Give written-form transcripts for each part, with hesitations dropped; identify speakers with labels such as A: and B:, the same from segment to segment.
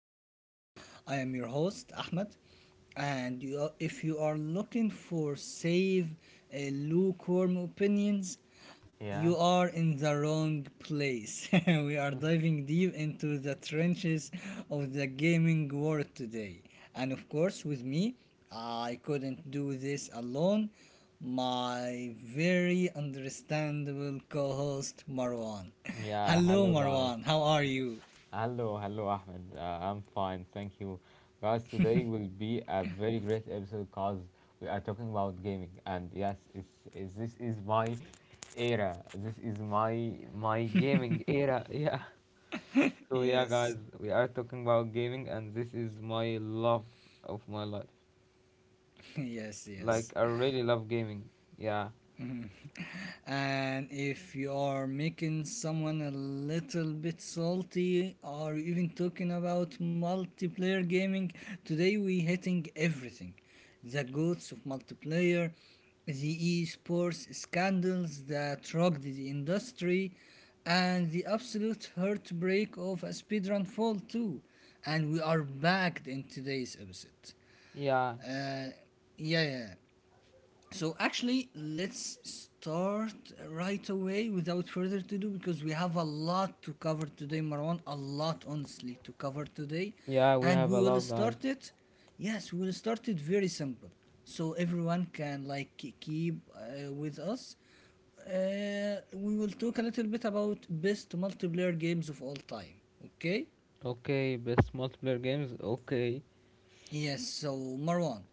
A: Takes. I am your host, Ahmed, and you are, if you are looking for save lukewarm opinions,
B: Yeah,
A: you are in the wrong place. We are diving deep into the trenches of the gaming world today. And of course, with me, I couldn't do this alone, my very understandable co-host Marwan.
B: yeah.
A: Hello
B: Hello, guys.
A: Marwan, how are you?
B: Hello, Ahmed. I'm fine, thank you. Guys, today will be a very great episode because we are talking about gaming, and yes, it's, this is my era. This is my gaming era. Yeah. So yeah, guys,
A: Yes,
B: we are talking about gaming, and this is my love of my life.
A: yes, yes.
B: Like I really love gaming. Yeah.
A: And if you are making someone a little bit salty or even talking about multiplayer gaming, today we hitting everything, the goods of multiplayer, the esports scandals that rocked the industry, and the absolute heartbreak of a speedrun fall too. And we are back in today's episode.
B: Yeah,
A: uh, yeah, yeah. So actually, let's start right away without further to do because we have a lot to cover today, Marwan. A lot, honestly, to cover today,
B: yeah, we
A: and
B: have
A: we
B: a
A: will
B: lot, guys.
A: start it. Yes, we will start it very simple, so everyone can keep with us. We will talk a little bit about best multiplayer games of all time. Okay.
B: Okay, best multiplayer games. Okay.
A: Yes. So Marwan,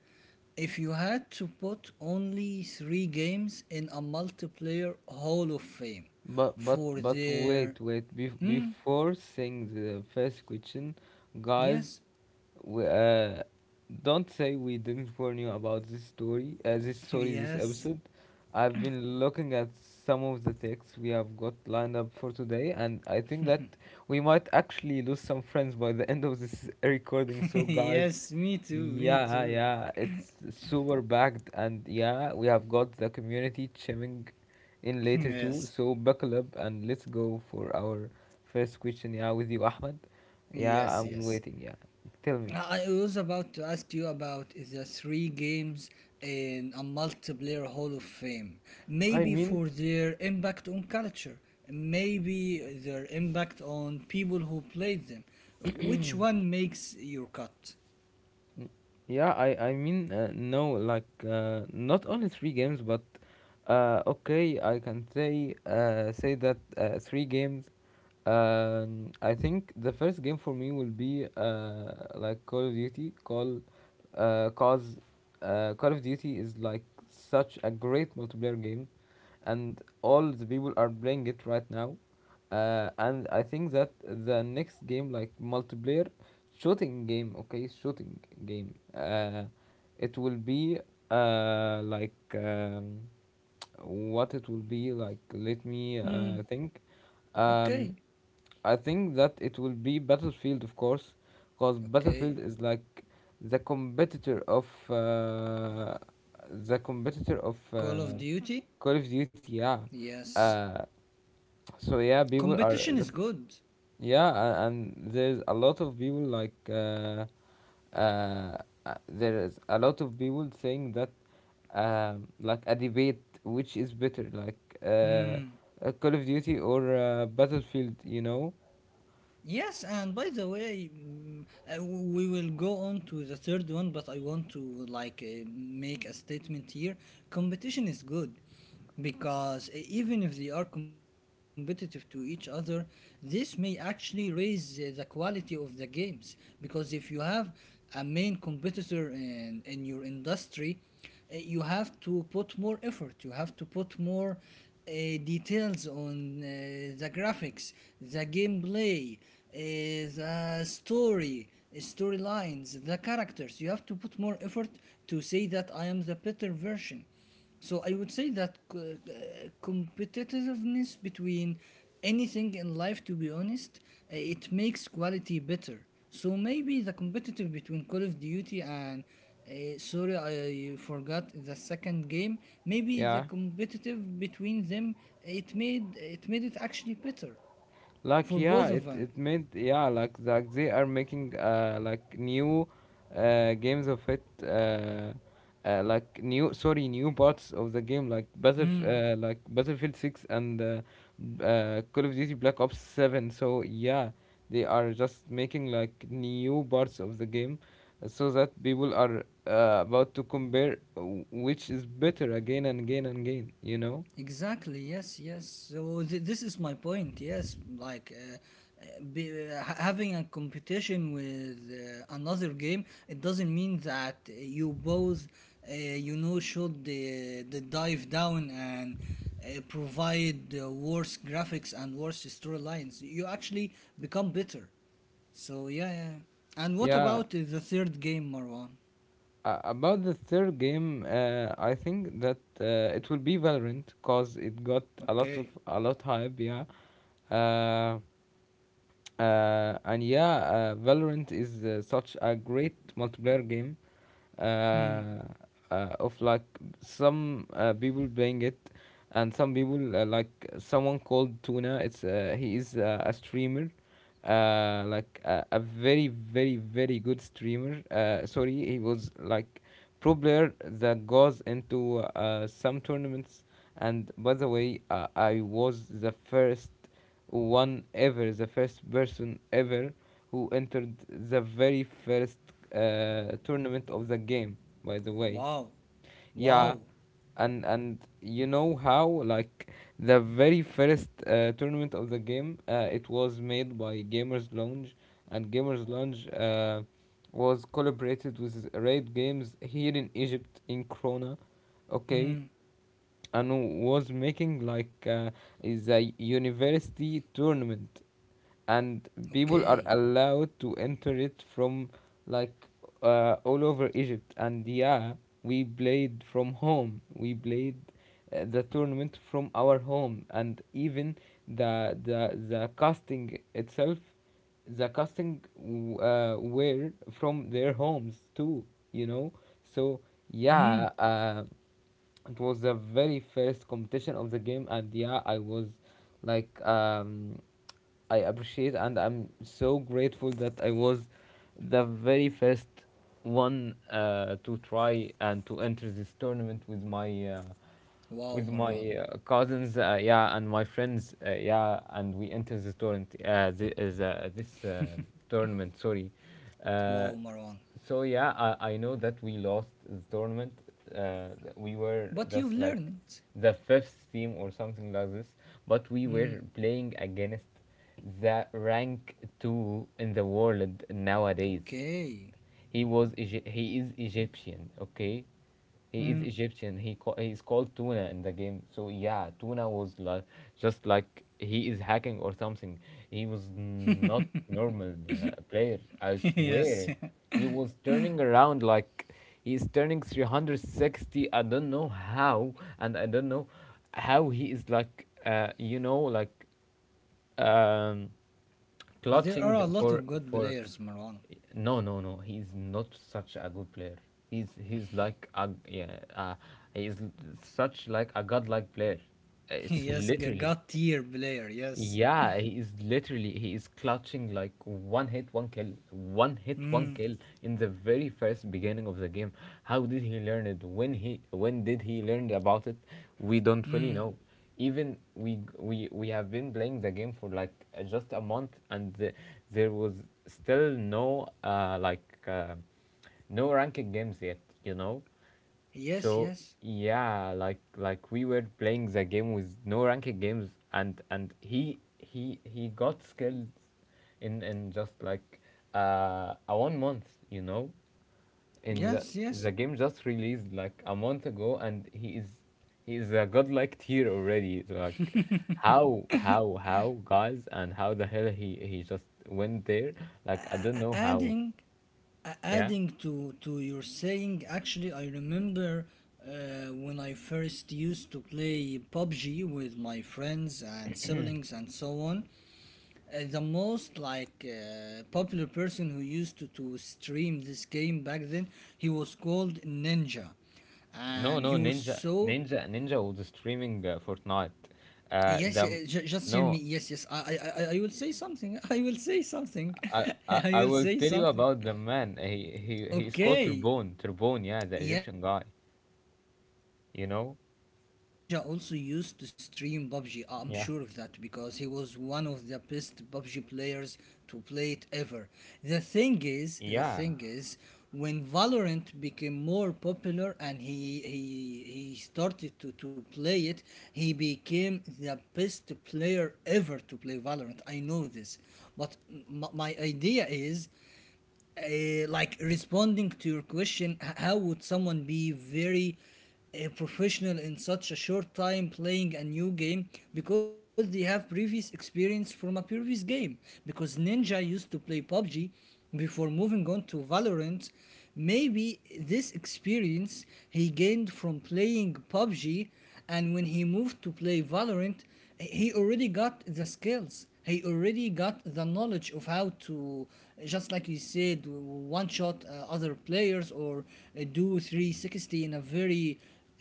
A: if you had to put only three games in a multiplayer Hall of Fame
B: But but
A: for
B: but
A: their...
B: wait
A: Hmm?
B: before saying the first question, guys,
A: Yes?
B: we, uh, don't say we didn't warn you about this story. This story, this
A: Yes?
B: episode. I've been looking at some of the texts we have got lined up for today, and I think that we might actually lose some friends by the end of this recording. So guys,
A: Yes, me too, me
B: yeah,
A: too.
B: yeah, it's super packed, and yeah, we have got the community chiming in later too.
A: Yes,
B: So buckle up and let's go for our first question. Yeah, with you, Ahmed. Yeah,
A: yes,
B: I'm
A: yes.
B: waiting. Yeah, tell me.
A: I was about to ask you about the three games in a multiplayer Hall of Fame.
B: I
A: Maybe
B: mean,
A: for their impact on culture, maybe their impact on people who played them. Which one makes your cut?
B: n- yeah, I mean, no, like not only three games, but okay, I can say that three games. I think the first game for me will be like Call of Duty. Uh, cause, Call of Duty is like such a great multiplayer game, and all the people are playing it right now. And I think that the next game, like multiplayer shooting game. It will be like. What it will be like? Let me
A: Mm,
B: think. Um,
A: okay.
B: I think that it will be Battlefield, of course, because
A: Okay.
B: Battlefield is like the competitor of uh, the competitor of
A: Call of Duty?
B: Call of Duty. Yeah.
A: Yes.
B: Uh, so yeah, people are
A: Competition is
B: just,
A: good.
B: and there's a lot of people like uh, there is a lot of people saying that like a debate which is better, like
A: Hmm.
B: Call of Duty or Battlefield. You know?
A: Yes, and by the way, we will go on to the third one, but I want to make a statement here. Competition is good because even if they are competitive to each other, this may actually raise the quality of the games, because if you have a main competitor in your industry, you have to put more effort, you have to put more uh, details on the graphics, the gameplay, the story, storylines, the characters. You have to put more effort to say that I am the better version. So I would say that competitiveness between anything in life, to be honest, it makes quality better. So maybe the competitive between Call of Duty and sorry, I forgot the second game. Maybe the
B: Yeah.
A: competitive between them, it made it actually better
B: Like,
A: for
B: yeah,
A: both of
B: it
A: them.
B: it made, yeah, like they are making like new games of it, like new, sorry, new parts of the game, like battle
A: Hmm.
B: like battlefield 6 and call of duty black ops 7. So yeah, they are just making like new parts of the game, so that people are about to compare which is better again and again and again, you know.
A: Exactly. Yes. Yes. So this is my point. Yes, uh, having a competition with another game, it doesn't mean that you both, you know, should the dive down and provide worse graphics and worse storylines. You actually become better. So yeah, yeah. And what
B: Yeah.
A: about the third game, Marwan?
B: About the third game, I think that it will be Valorant because it got a lot of,
A: Okay.
B: a lot hype. Yeah. uh, Valorant is such a great multiplayer game.
A: Hmm.
B: Uh, of like Some people playing it, and some people like someone called Tuna. It's He is a streamer, like a very very very good streamer. Sorry, he was like pro player that goes into some tournaments. And by the way, I was the first one ever, the first person ever who entered the very first tournament of the game. By the way,
A: Wow.
B: yeah.
A: Wow.
B: And you know how like the very first tournament of the game, it was made by Gamers Lounge, and Gamers Lounge was collaborated with Raid Games here in Egypt in Krona, okay,
A: Hmm.
B: and was making like is a university tournament, and people are
A: Okay.
B: allowed to enter it from like all over Egypt. And yeah, we played from home. We played the tournament from our home, and even the casting itself, the were from their homes too. You know, so
A: Mm.
B: yeah, it was the very first competition of the game, and yeah, I was like, I appreciate and I'm so grateful that I was the very first one to try and to enter this tournament with
A: Wow,
B: my
A: Marwan.
B: cousins, yeah, and my friends, yeah, and we enter this tournament this, is, this tournament sorry
A: Wow,
B: uh,
A: Marwan.
B: so yeah, I know that we lost the tournament. uh, we were
A: But you've
B: just like
A: learned.
B: the fifth team or something like this, but we
A: Mm.
B: were playing against the rank two in the world nowadays.
A: Okay.
B: He is Egyptian, okay? He is
A: Mm.
B: Egyptian. He is called Tuna in the game. So yeah, Tuna was like just like he is hacking or something. He was not normal player. I
A: Yes.
B: swear, he was turning around like he's turning 360. I don't know how, and I don't know how he is like, you know, like, um,
A: There
B: clutching
A: are a lot of good
B: for.
A: players, Marwan.
B: No no no, he's not such a good player, he's like a, he's such like a godlike player. It's
A: Yes,
B: literally,
A: god tier player, yes.
B: yeah, he is literally, he is clutching like one hit, one kill, one hit, one
A: Mm.
B: kill in the very first beginning of the game. How did he learn it? When did he learn about it? We don't really
A: Mm.
B: know. Even we have been playing the game for like just a month, and there was still no no ranking games yet. You know.
A: Yes,
B: So
A: yes.
B: yeah, like we were playing the game with no ranked games, and he got skilled in just like a 1 month, you know, in
A: Yes, yes.
B: the game just released like a month ago, and he is a godlike tier already. It's like how, guys, and how the hell he just went there? Like I don't
A: A-
B: know how.
A: adding
B: Yeah.
A: adding to your saying, actually I remember when I first used to play PUBG with my friends and siblings and so on, the most popular person who used to stream this game back then, he was called Ninja,
B: No,
A: and he
B: no,
A: was
B: Ninja,
A: so...
B: Ninja, Ninja was streaming Fortnite.
A: Yes,
B: The
A: just hear me,
B: no,
A: yes, yes, I will say something. I will say something.
B: I, I
A: I
B: I
A: will
B: will
A: say
B: tell you
A: something.
B: about the man. He is called
A: Okay.
B: Turbone. Turbone, yeah, the Egyptian
A: Yes.
B: guy.
A: Yeah, yeah,
B: You
A: I
B: know?
A: know, but Ninja also used to stream PUBG. I'm
B: Yeah,
A: sure of that because he was one of the best PUBG players to play it ever. The
B: yeah,
A: thing is, when Valorant became more popular and he started to play it, he became the best player ever to play Valorant. I know this, but my idea is like responding to your question, how would someone be very professional in such a short time playing a new game? Because they have previous experience from a previous game, because Ninja used to play PUBG before moving on to Valorant. Maybe this experience he gained from playing PUBG, and when he moved to play Valorant, he already got the skills. He already got the knowledge of how to, just like you said, one shot other players or do 360 in a very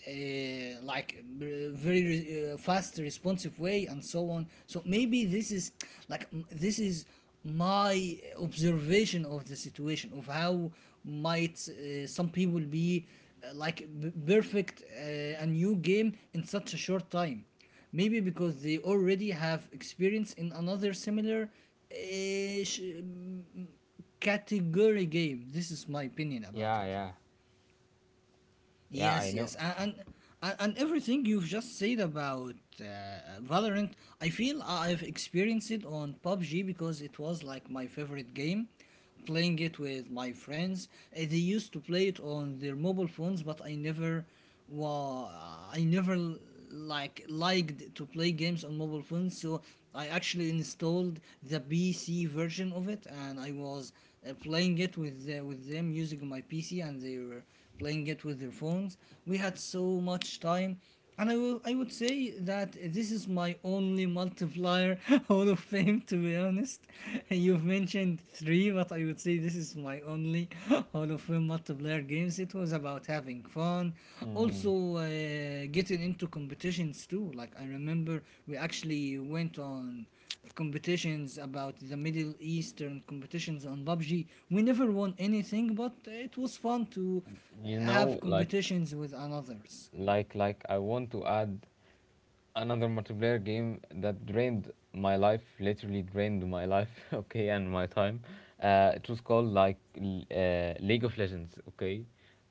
A: uh, like uh, very uh, fast responsive way, and so on. So maybe this is this is my observation of the situation of how might some people be perfect a new game in such a short time, maybe because they already have experience in another similar uh, sh- category game. This is my opinion about
B: yeah,
A: it.
B: yeah, yeah. I
A: Yes,
B: know.
A: yes, and everything you've just said about Valorant, I feel I've experienced it on PUBG because it was like my favorite game. Playing it with my friends, they used to play it on their mobile phones, but I never, wa I never liked to play games on mobile phones. So I actually installed the PC version of it, and I was playing it with them using my PC, and they were playing it with their phones. We had so much time. And I would say that this is my only multiplier Hall of Fame, to be honest. You've mentioned three, but I would say this is my only Hall of Fame multiplayer games. It was about having fun,
B: Mm,
A: also getting into competitions too. Like, I remember we actually went on competitions about the Middle Eastern competitions on PUBG. We never won anything, but it was fun to
B: you
A: have
B: know, like
A: competitions with others.
B: I want to add another multiplayer game that drained my life, literally drained my life, okay, and my time. It was called like League of Legends, okay.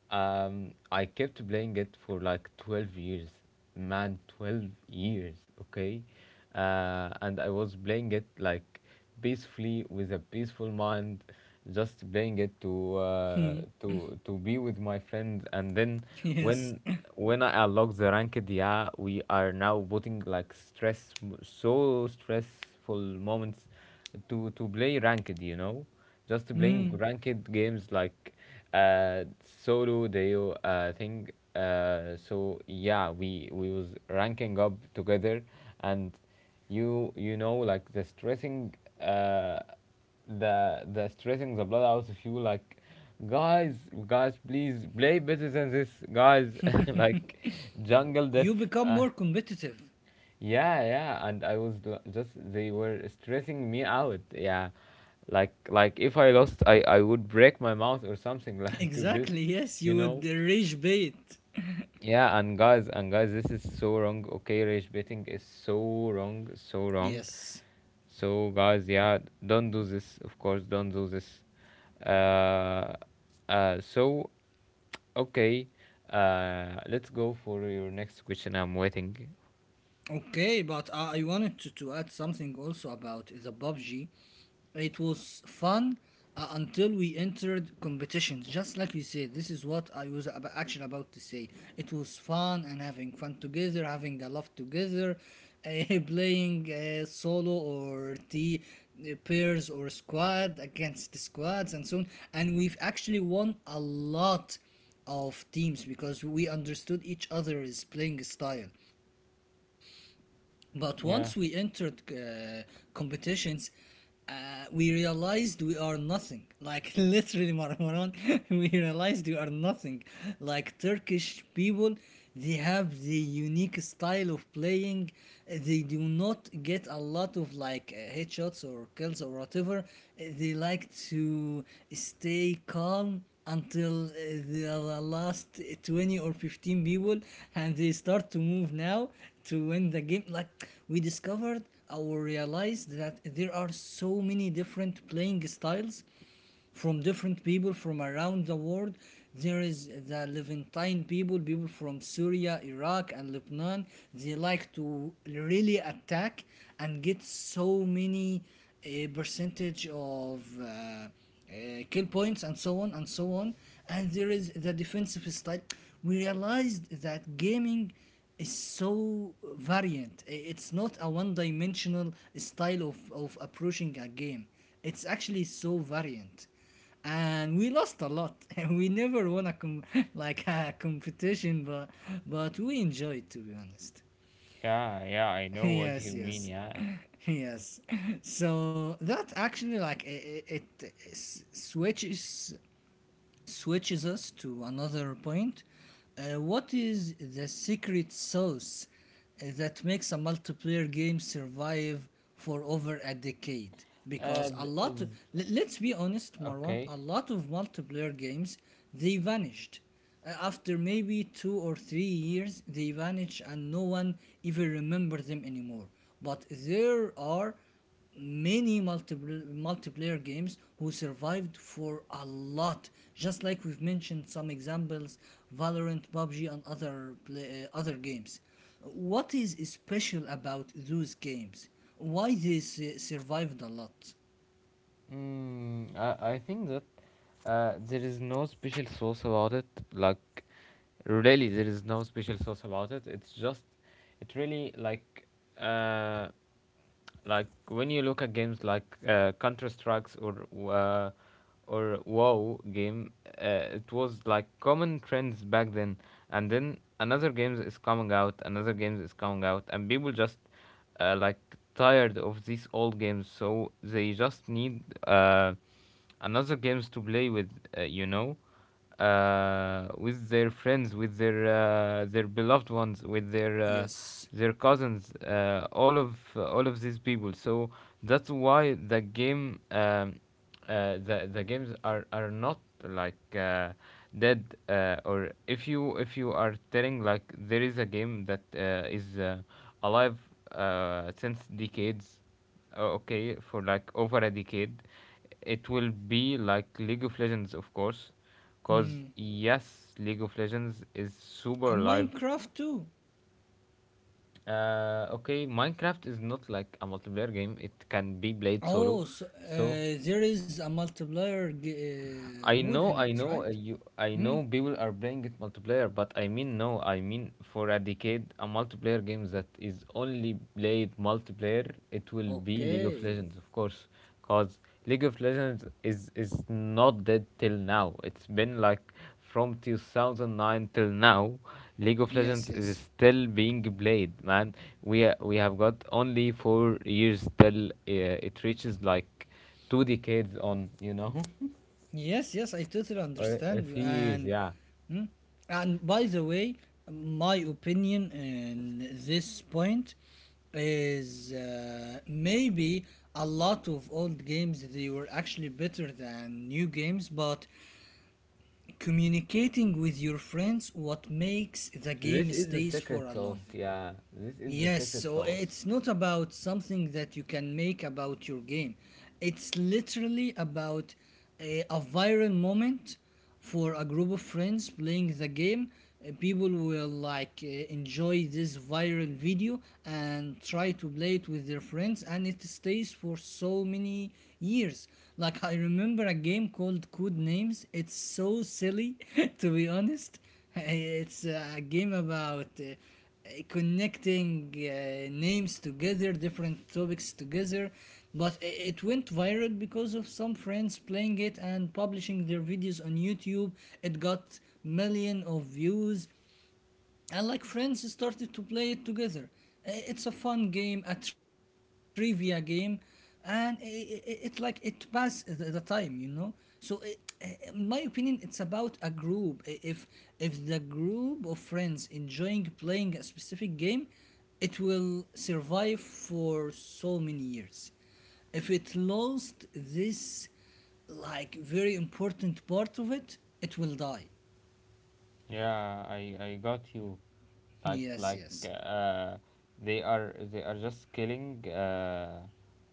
B: I kept playing it for like 12 years, man, 12 years, okay. And I was playing it like peacefully with a peaceful mind, just playing it to
A: Hmm.
B: to be with my friends. And then
A: Yes.
B: when when I unlock the ranked, yeah, we are now putting like stress, so stressful moments to play ranked, you know, just playing
A: Hmm.
B: ranked games like solo deo thing, so yeah, we was ranking up together. And you know like the stressing, uh the stressing the blood out of you, like, guys, guys, please play better than this, guys. Like jungle def,
A: You become
B: uh,
A: more competitive.
B: yeah, yeah. And I was just, they were stressing me out, yeah. Like if I lost, I would break my mouth or something like this,
A: Exactly. Yes,
B: you
A: you would
B: know.
A: rage bait.
B: Yeah, and guys, this is so wrong. Okay, rage betting is so wrong, so wrong.
A: Yes.
B: So guys, yeah, don't do this. Of course, don't do this. Uh, uh. So okay, let's go for your next question. I'm waiting.
A: Okay, but I wanted to add something also about the PUBG. It was fun until we entered competitions. Just like you said, this is what I was actually about to say. It was fun and having fun together, having a laugh together, playing solo or the pairs or squad against squads and so on. And we've actually won a lot of teams because we understood each other's playing style, but once we entered
B: Yeah,
A: competitions, we realized we are nothing. Like, literally, Marmaran, we realized we are nothing. Like Turkish people, they have the unique style of playing. They do not get a lot of headshots or kills or whatever. They like to stay calm until the last 20 or 15 people, and they start to move now to win the game. Like, we discovered or realized that there are so many different playing styles from different people from around the world. There is the Levantine people, people from Syria, Iraq, and Lebanon. They like to really attack and get so many percentage of kill points and so on and so on. And there is the defensive style. We realized that gaming is so variant. It's not a one-dimensional style of approaching a game. It's actually so variant, and we lost a lot. And we never won like a competition, but we enjoyed, to be honest.
B: yeah. I know what you
A: Yes,
B: mean.
A: yes,
B: Yeah.
A: yes. So that actually like it s- switches switches us to another point. What is the secret sauce that makes a multiplayer game survive for over a decade? Because
B: Th- is
A: let's be honest, Marwan,
B: Okay.
A: a lot of multiplayer games, they vanished. After maybe 2 or 3 years, they vanished, and no one even remember them anymore. But there are many multiple multiplayer games who survived for a lot, just like we've mentioned some examples: Valorant, PUBG, and other games. What is special about those games? Why they survived a lot?
B: Mm, I think that there is no special sauce about it. Like, really, there is no special sauce about it. It really uh, like when you look at games like Counter Strikes or uh, WoW game, it was like common trends back then, and then another games is coming out, another games is coming out, and people just, like tired of these old games, so they just need another games to play with, you know, with their friends, with their beloved ones, with
A: Yes.
B: their cousins, all of these people. So that's why the games are not like, dead. Or if you are telling like there is a game that is alive since decades, okay, for like over a decade, it will be like League of Legends, of course, because
A: Hmm.
B: yes, League of Legends is super
A: And
B: live.
A: Minecraft too.
B: Okay, Minecraft is not like a multiplayer game, it can be played solo.
A: Oh, so,
B: So
A: there is a multiplayer
B: I
A: mode in
B: know, I
A: it,
B: know,
A: right?
B: I
A: Hmm.
B: know people are playing it multiplayer, but I mean, no, I mean, for a decade, a multiplayer game that is only played multiplayer, it will be League of
A: Okay.
B: Legends, of course, because League of Legends is not dead till now. It's been like from 2009 till now, League of
A: Yes,
B: Legends is
A: yes.
B: still being played, man. We have got only 4 years till it reaches like 2 decades on, you know.
A: Yes, yes, I totally understand you.
B: Thieves,
A: And
B: yeah.
A: mm, and by the way, my opinion in this point is maybe a lot of old games they were actually better than new games, but communicating with your friends what makes the
B: This
A: game
B: is the
A: stays for
B: secret
A: a long.
B: sauce, yeah. This is the
A: Yes,
B: secret
A: so
B: sauce.
A: it's not about something that you can make about your game. It's literally about a viral moment for a group of friends playing the game. People will enjoy this viral video and try to play it with their friends, and it stays for so many years. Like, I remember a game called Code Names. It's so silly, to be honest. It's a game about connecting names together, different topics together. But i- it went viral because of some friends playing it and publishing their videos on YouTube. It got million of views, and like friends started to play it together. It's a fun game, a trivia game, and it like it pass the time. so it, in my opinion, it's about a group. If the group of friends enjoying playing a specific game, it will survive for so many years. If it lost this like very important part of it, it will die.
B: Yeah, I got you. Like
A: yes
B: like
A: yes
B: uh, they are just killing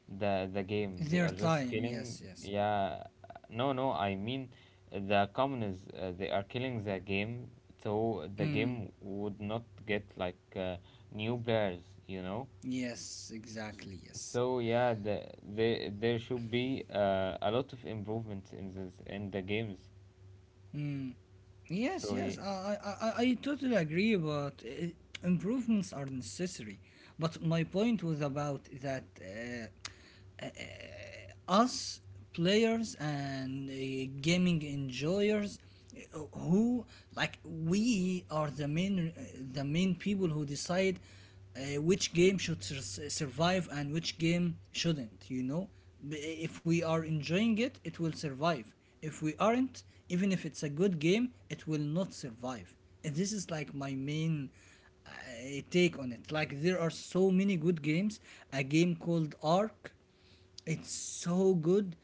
B: the game. They
A: their
B: are just
A: time
B: killing.
A: yes yes
B: Yeah, no, no. I mean the communists. They are killing the game, so the
A: Mm,
B: game would not get like new players. You know.
A: yes, exactly. Yes.
B: So yeah, the, there should be a lot of improvements in this in the games.
A: Mm, yes,
B: So
A: yes.
B: y-
A: I totally agree, but I improvements are necessary. But my point was about that us players and gaming enjoyers who like we are the main people who decide which game should survive and which game shouldn't. B- if we are enjoying it, it will survive. If we aren't, even if it's a good game, it will not survive. And this is like my main uh, take on it. Like there are so many good games. A game called Ark, it's so good.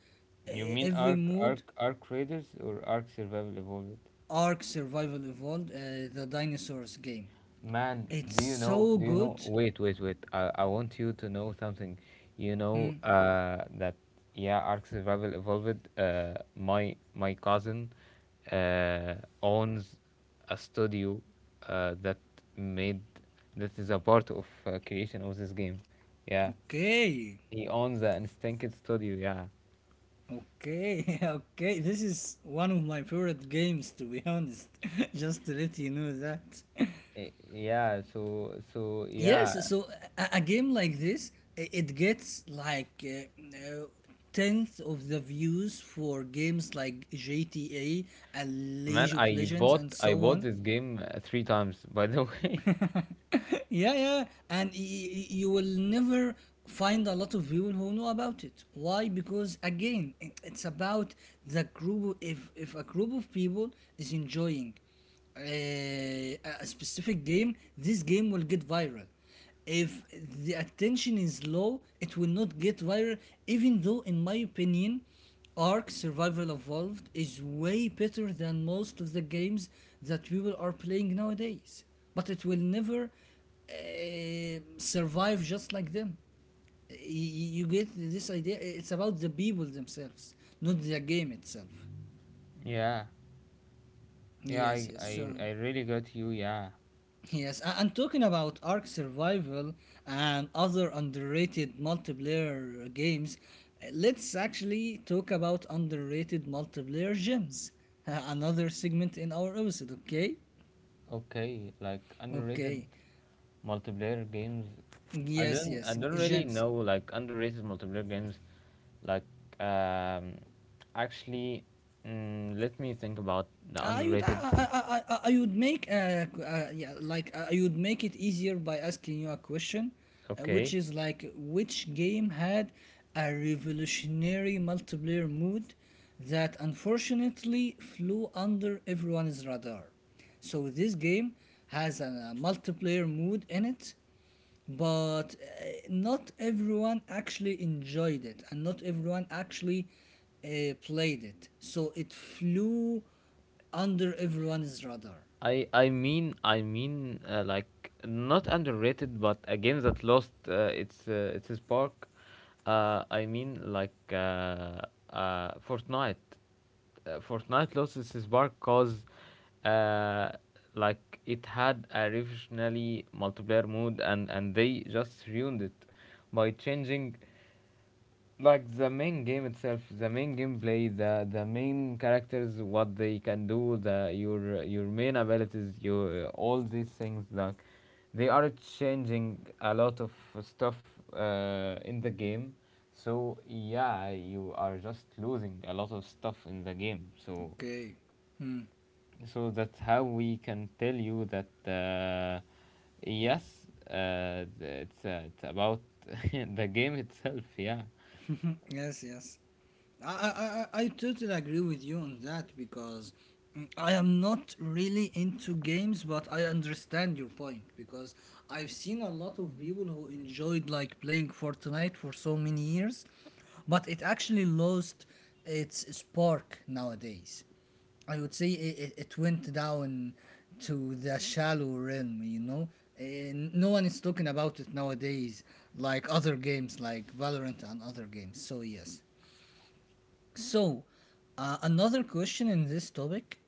B: you
A: uh,
B: mean
A: every
B: Arc
A: mood.
B: Arc Arc Raiders or Arc Survival Evolved?
A: Ark Survival Evolved, the dinosaurs game.
B: Man,
A: It's
B: do you know?
A: so
B: Do you know?
A: good.
B: Wait, wait, wait. I want you to know something. You know
A: Hmm,
B: that yeah, Ark Survival Evolved. My cousin uh, owns a studio uh, that made that is a part of creation of this game. Yeah,
A: okay.
B: he owns the Instinct Studio, yeah.
A: Okay, okay. This is one of my favorite games, to be honest. Just to let you know that.
B: Yeah, so
A: Yes,
B: yeah,
A: so a game like this, it gets like tenth of the views for games like GTA and
B: man,
A: League of
B: I
A: Legends and
B: bought
A: so on.
B: this game three times, by the way.
A: Yeah, yeah, and you will never find a lot of people who know about it. Why? Because again, it's about the group. If a group of people is enjoying a specific game, this game will get viral. If the attention is low, it will not get viral, even though in my opinion Ark Survival Evolved is way better than most of the games that people are playing nowadays, but it will never survive just like them. You get this idea. It's about the people themselves, not the game itself.
B: Yeah, yeah,
A: Yes, yes, so
B: I really got you. Yeah,
A: yes, and talking about Ark Survival and other underrated multiplayer games, let's actually talk about underrated multiplayer gyms. Another segment in our episode, okay?
B: okay, like underrated
A: Okay.
B: multiplayer games.
A: Yes,
B: I
A: yes,
B: don't really
A: gyms.
B: know like underrated multiplayer games like um actually let me think about the
A: Uh, I would I,
B: underrated.
A: I, I would make yeah like I would make it easier by asking you a question, which
B: Okay,
A: is like which game had a revolutionary multiplayer mode that unfortunately flew under everyone's radar. So this game has a multiplayer mode in it, but not everyone actually enjoyed it, and not everyone actually played it, so it flew under everyone's radar.
B: I mean I mean like not underrated, but a game that lost its spark. I mean like Fortnite. Fortnite lost its spark, cause uh, like it had a revolutionary multiplayer mode, and they just ruined it by changing like the main game itself, the main gameplay, the main characters, what they can do, the your main abilities, your all these things, like they are changing a lot of stuff in the game. So yeah, you are just losing a lot of stuff in the game. So
A: Okay.
B: so that's how we can tell you that yes, it's about the game itself, yeah.
A: Yes, yes. I totally agree with you on that, because mm, I am not really into games, but I understand your point, because I've seen a lot of people who enjoyed like playing Fortnite for so many years, but it actually lost its spark nowadays. I would say it went down to the shallow realm, you know. And no one is talking about it nowadays, like other games, like Valorant and other games. So yes. So, another question in this topic,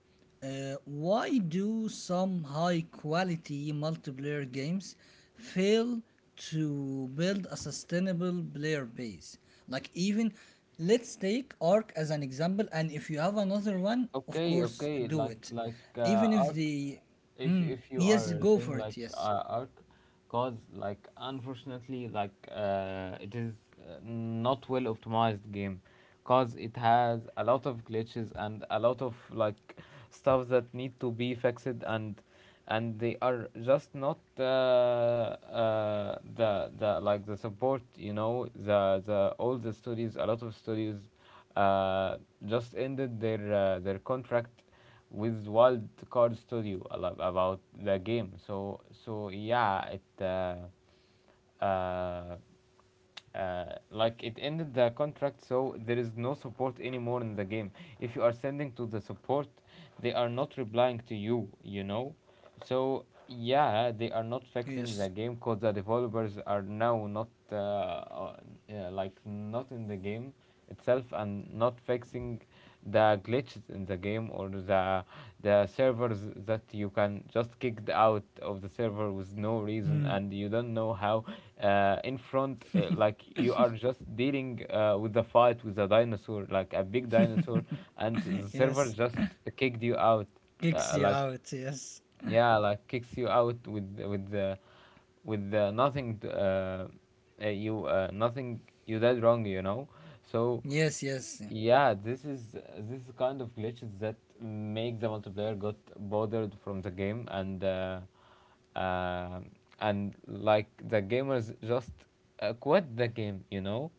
A: why do some high quality multiplayer games fail to build a sustainable player base? Like, even let's take Ark as an example, and if you have another one, of
B: Okay,
A: course,
B: okay,
A: do
B: like
A: it.
B: like
A: Even
B: uh,
A: if
B: arc,
A: the. Mm,
B: if you are
A: yes, go
B: saying
A: for
B: like
A: it, yes.
B: arc, cause like unfortunately it is not well optimized game, cause it has a lot of glitches and a lot of like stuff that need to be fixed. And they are just not the like the support, you know, the all the studios, a lot of studios uh, just ended their contract with Wild Card Studio a lot about the game. So so yeah, it uh, uh, like it ended the contract, so there is no support anymore in the game. If you are sending to the support, they are not replying to you. You know, so yeah, they are not fixing the
A: Yes.
B: game because the developers are now not yeah, like not in the game itself, and not fixing the glitches in the game or the servers that you can just kicked out of the server with no reason,
A: Hmm.
B: and you don't know how in front like you are just dealing with the fight with a dinosaur, like a big dinosaur, and the server
A: Yes.
B: just kicked you out.
A: Kicks you
B: Like
A: out, yes.
B: yeah, like kicks you out with nothing, t- you nothing you did wrong, you know. So
A: Yes, yes.
B: yeah, this is kind of glitches that make the multiplayer got bothered from the game, um and like the gamers just quit the game, you know,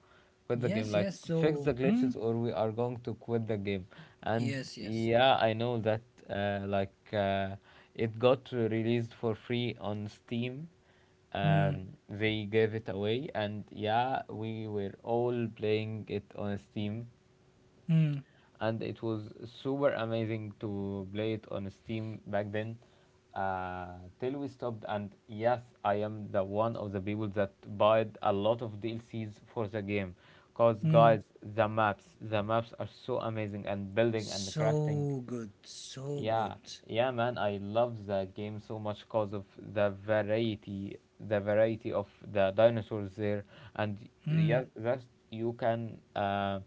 B: quit the game.
A: Yes,
B: Like,
A: yes.
B: fix the
A: So, mm,
B: glitches, or we are going to quit the game. And
A: yes, yes.
B: yeah, I know that uh, like uh, it got released for free on Steam.
A: Mm,
B: They gave it away, and yeah, we were all playing it on Steam,
A: mm,
B: and it was super amazing to play it on Steam back then. Till we stopped, and yes, I am the one of the people that bought a lot of DLCs for the game. Cause
A: mm.
B: guys, the maps are so amazing, and building and crafting.
A: So good, so good.
B: Yeah, yeah, man. I love the game so much because of the variety of the dinosaurs there, and yeah,
A: Mm,
B: that you can, uh,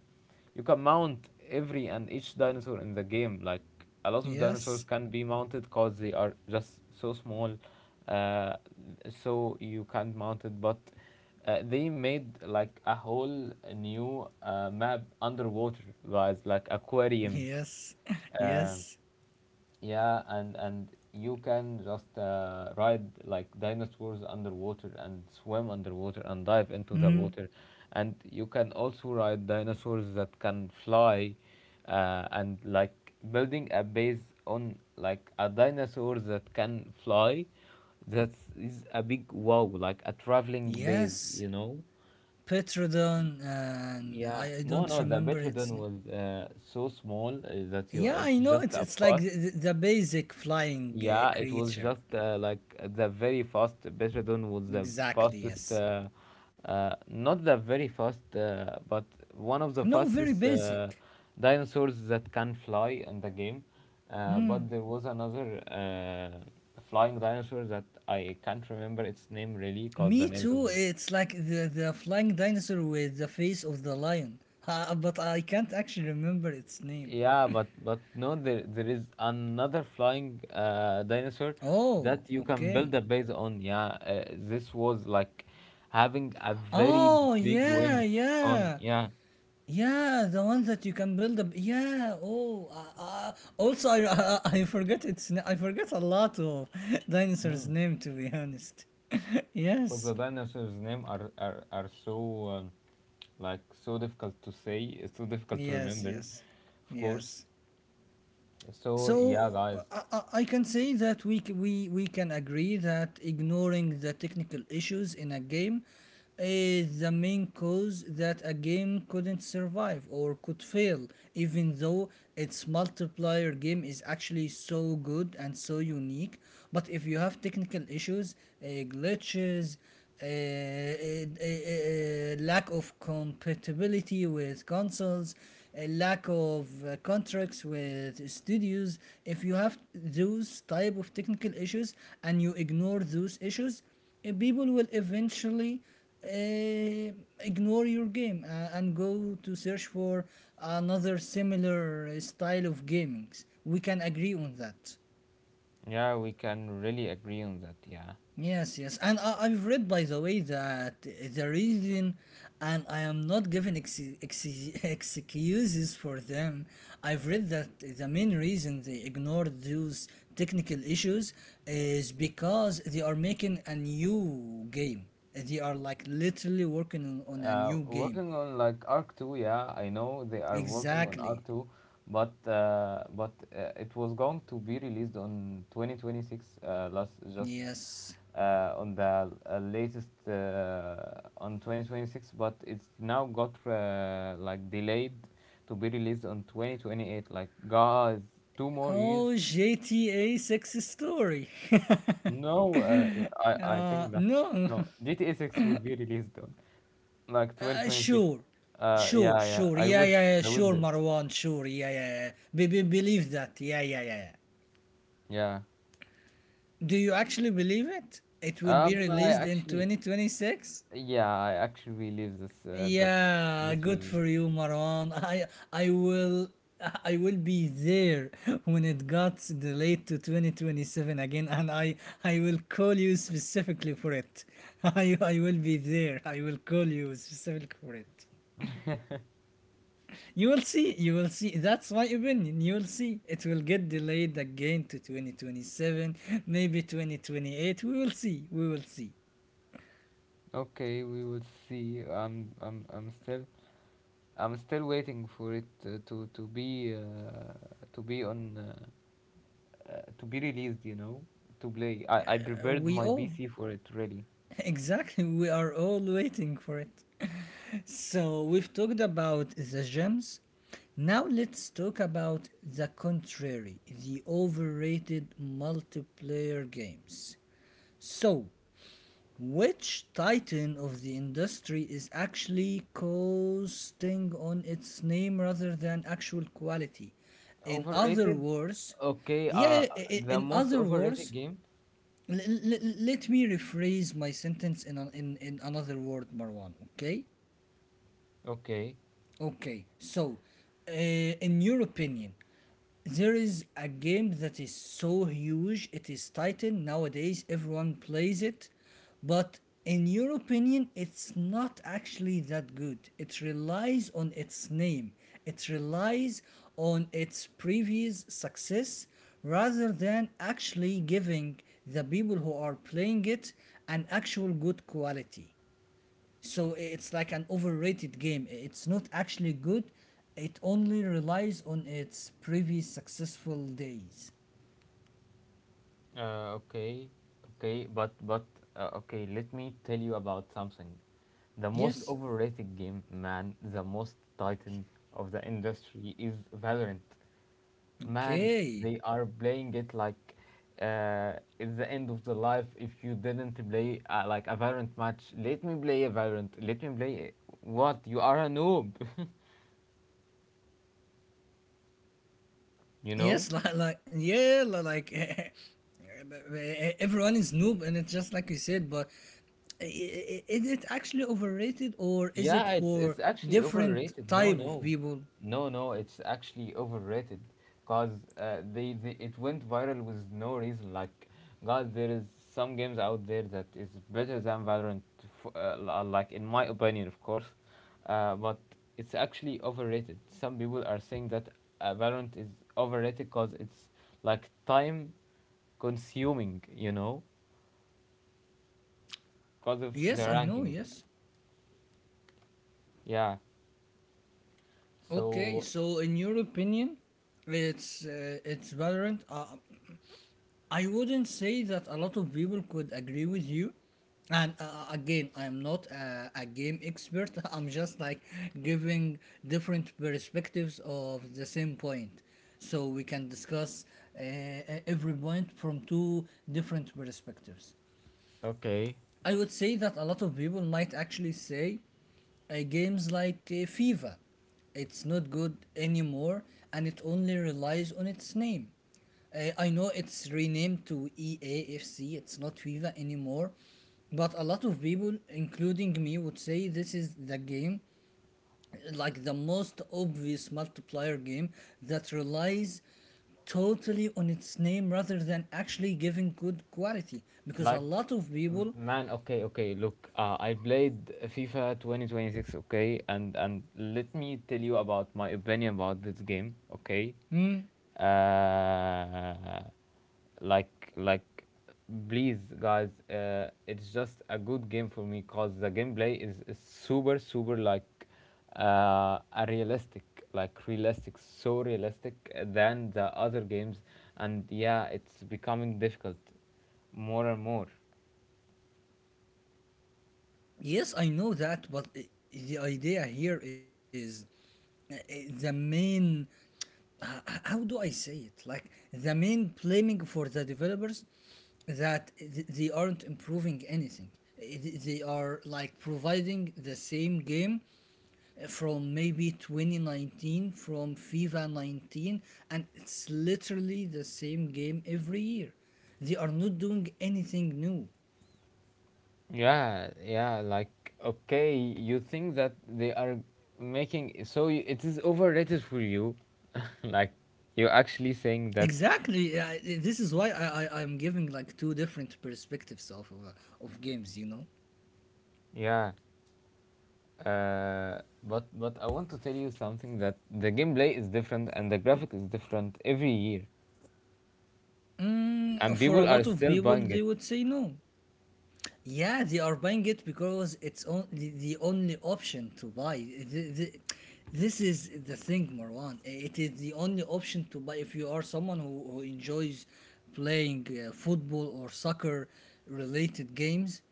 B: you can mount every and each dinosaur in the game. Like a lot of dinosaurs
A: yes,
B: can be mounted because they are just so small, uh, so you can't mount it. But they made like a whole new map underwater, guys, like aquarium.
A: yes,
B: um.
A: yes,
B: Yeah, and you can just ride like dinosaurs underwater, and swim underwater, and dive into the water, and you can also ride dinosaurs that can fly, and like building a base on like a dinosaur that can fly, that is a big wow, like a traveling base,
A: yes.
B: you know.
A: Petrodon, and
B: Yeah,
A: I
B: no,
A: don't
B: no, the
A: remember its
B: Betrodon
A: name.
B: was so small that you,
A: Yeah,
B: it's
A: I know
B: just a
A: it's like
B: fast.
A: the basic flying
B: Yeah, it was
A: creature.
B: just like the very fast. Bechadon was the
A: Exactly,
B: fastest,
A: yes.
B: not the very fast, but one of the
A: No, very
B: fastest
A: basic.
B: dinosaurs that can fly in the game.
A: Mm.
B: But there was another flying dinosaur that I can't remember its name really, cause the
A: Me
B: names of,
A: too. It's like the flying dinosaur with the face of the lion. But I can't actually remember its name.
B: yeah, but no, there is another flying dinosaur
A: Oh,
B: that you can build
A: okay.
B: a base on. Yeah, this was like having a very
A: Oh,
B: big
A: yeah,
B: wings on.
A: yeah.
B: Yeah,
A: Yeah, the ones that you can build up. Yeah. Oh, also I forget its I forget a lot of dinosaurs
B: mm.
A: name, to be honest.
B: because the
A: yes.
B: dinosaurs' name are are so like so difficult to say, it's so difficult to
A: Yes,
B: remember,
A: yes.
B: of course.
A: Yes.
B: So yeah,
A: So
B: guys,
A: I can say that we, c- we can agree that ignoring the technical issues in a game is the main cause that a game couldn't survive or could fail, even though its multiplayer game is actually so good and so unique. But if you have technical issues, uh, glitches, lack of compatibility with consoles, a lack of contracts with studios. If you have those type of technical issues and you ignore those issues, people will eventually uh, ignore your game and go to search for another similar style of gaming. We can agree on that.
B: yeah, we can really agree on that. Yeah.
A: Yes, yes, and I've read, by the way, that the reason, and I am not giving excuses for them. I've read that the main reason they ignored those technical issues is because they are making a new game. They are like literally working on a
B: Uh,
A: new game.
B: working on like Arc 2, yeah, I know they are working on
A: Exactly.
B: Arc 2, but it was going to be released on 2026 last just
A: Yes.
B: on the latest on 2026, but it's now got like delayed to be released on 2028. Like guys, two more years.
A: Oh, GTA 6 story.
B: No, I think that
A: No,
B: no, GTA 6 will be released on like 2026.
A: Sure, sure,
B: Yeah, yeah.
A: sure.
B: I
A: Yeah,
B: wish
A: yeah, yeah.
B: I would
A: Sure,
B: this.
A: Marwan. Sure. Yeah, yeah, yeah. Believe that. Yeah, yeah, yeah. Yeah.
B: Yeah.
A: Do you actually believe it? It will be
B: Um, I
A: released in
B: actually,
A: 2026.
B: yeah, I actually believe this that
A: Yeah,
B: this
A: good
B: will.
A: for you, Marwan. I I will I will be there when it got delayed to 2027 again, and I will call you specifically for it. I will be there. I will call you specifically for it. You will see, you will see. That's my opinion. You will see. It will get delayed again to 2027, maybe 2028. We will see. We will see.
B: Okay, we will see. I'm still waiting for it to be to be on to be released. You know, to play. I prepared
A: We
B: my
A: all,
B: PC for it really.
A: exactly, we are all waiting for it. So we've talked about the gems. Now let's talk about the contrary, the overrated multiplayer games. So, which titan of the industry is actually coasting on its name rather than actual quality? In other
B: Overrated?
A: words,
B: Okay,
A: yeah,
B: the
A: in
B: most
A: other words,
B: overrated game?
A: let me rephrase my sentence in another word, Marwan, okay?
B: Okay.
A: Okay, so, uh, in your opinion, there is a game that is so huge, it is Titan. Nowadays, everyone plays it. But in your opinion, it's not actually that good. It relies on its name, it relies on its previous success rather than actually giving the people who are playing it an actual good quality. So it's like an overrated game. It's not actually good. It only relies on its previous successful days.
B: Okay. Okay, but okay, let me tell you about something. The most
A: Yes.
B: overrated game, man, the most titan of the industry is Valorant. Man,
A: Okay.
B: they are playing it like uh it's the end of the life if you didn't play like a Valorant match. Let me play a Valorant. Let me play it. What? You are a noob, you know?
A: Yes, like yeah, like everyone is noob, and it's just like you said. But is it actually overrated, or is it
B: Yeah, it's
A: for
B: actually
A: different
B: overrated. No,
A: type of
B: no,
A: people?
B: no, no. It's actually overrated, cause they it went viral with no reason. Like, God, there is some games out there that is better than Valorant, like in my opinion, of course. But it's actually overrated. Some people are saying that Valorant is overrated cause it's like time consuming, you know, cause of the
A: Yes, I know.
B: ranking.
A: Yes.
B: Yeah.
A: Okay,
B: So
A: so in your opinion, it's Valorant. I wouldn't say that a lot of people could agree with you. And again, I'm not a game expert. I'm just like giving different perspectives of the same point. So we can discuss every point from two different perspectives.
B: okay,
A: I would say that a lot of people might actually say games like FIFA. It's not good anymore, and it only relies on its name. I know it's renamed to EAFC, it's not FIFA anymore, but a lot of people, including me, would say this is the game, like the most obvious multiplayer game that relies totally on its name rather than actually giving good quality. Because a
B: like,
A: lot of people,
B: Man, okay, okay, look, I played FIFA 2026, okay, and let me tell you about my opinion about this game. Okay,
A: hmm,
B: uh like please guys, it's just a good game for me, cause the gameplay is super super like a realistic, so realistic than the other games, and yeah, it's becoming difficult more and more.
A: yes, I know that, but the idea here is, uh, the main how do I say it, like the main blaming for the developers that they aren't improving anything. They are like providing the same game from maybe 2019, from fifa 19, and it's literally the same game every year. They are not doing anything new.
B: Yeah, yeah, like okay, you think that they are making so, it is overrated for you, like you're actually saying that.
A: Exactly. This is why I am giving like two different perspectives of of games, you know.
B: Yeah, but I want to tell you something, that the gameplay is different and the graphic is different every year,
A: Mm,
B: and
A: for a
B: people are
A: lot of
B: still
A: people,
B: buying
A: they
B: it.
A: would say no. Yeah, they are buying it because it's on, the only option to buy. The- the- this is the thing, Marwan. It is the only option to buy if you are someone who enjoys playing football or soccer related games.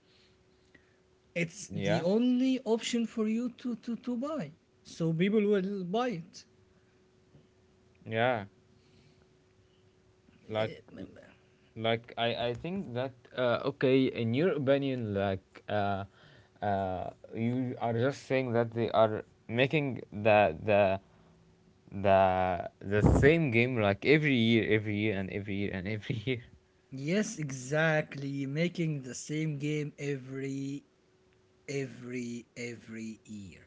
A: It's the
B: Yeah,
A: only option for you to, to buy. So people will buy it.
B: yeah, like like, I think that okay, in your opinion, you are just saying that they are making the same game like every year, every year, and every year, and every year.
A: Yes, exactly. Making the same game every year.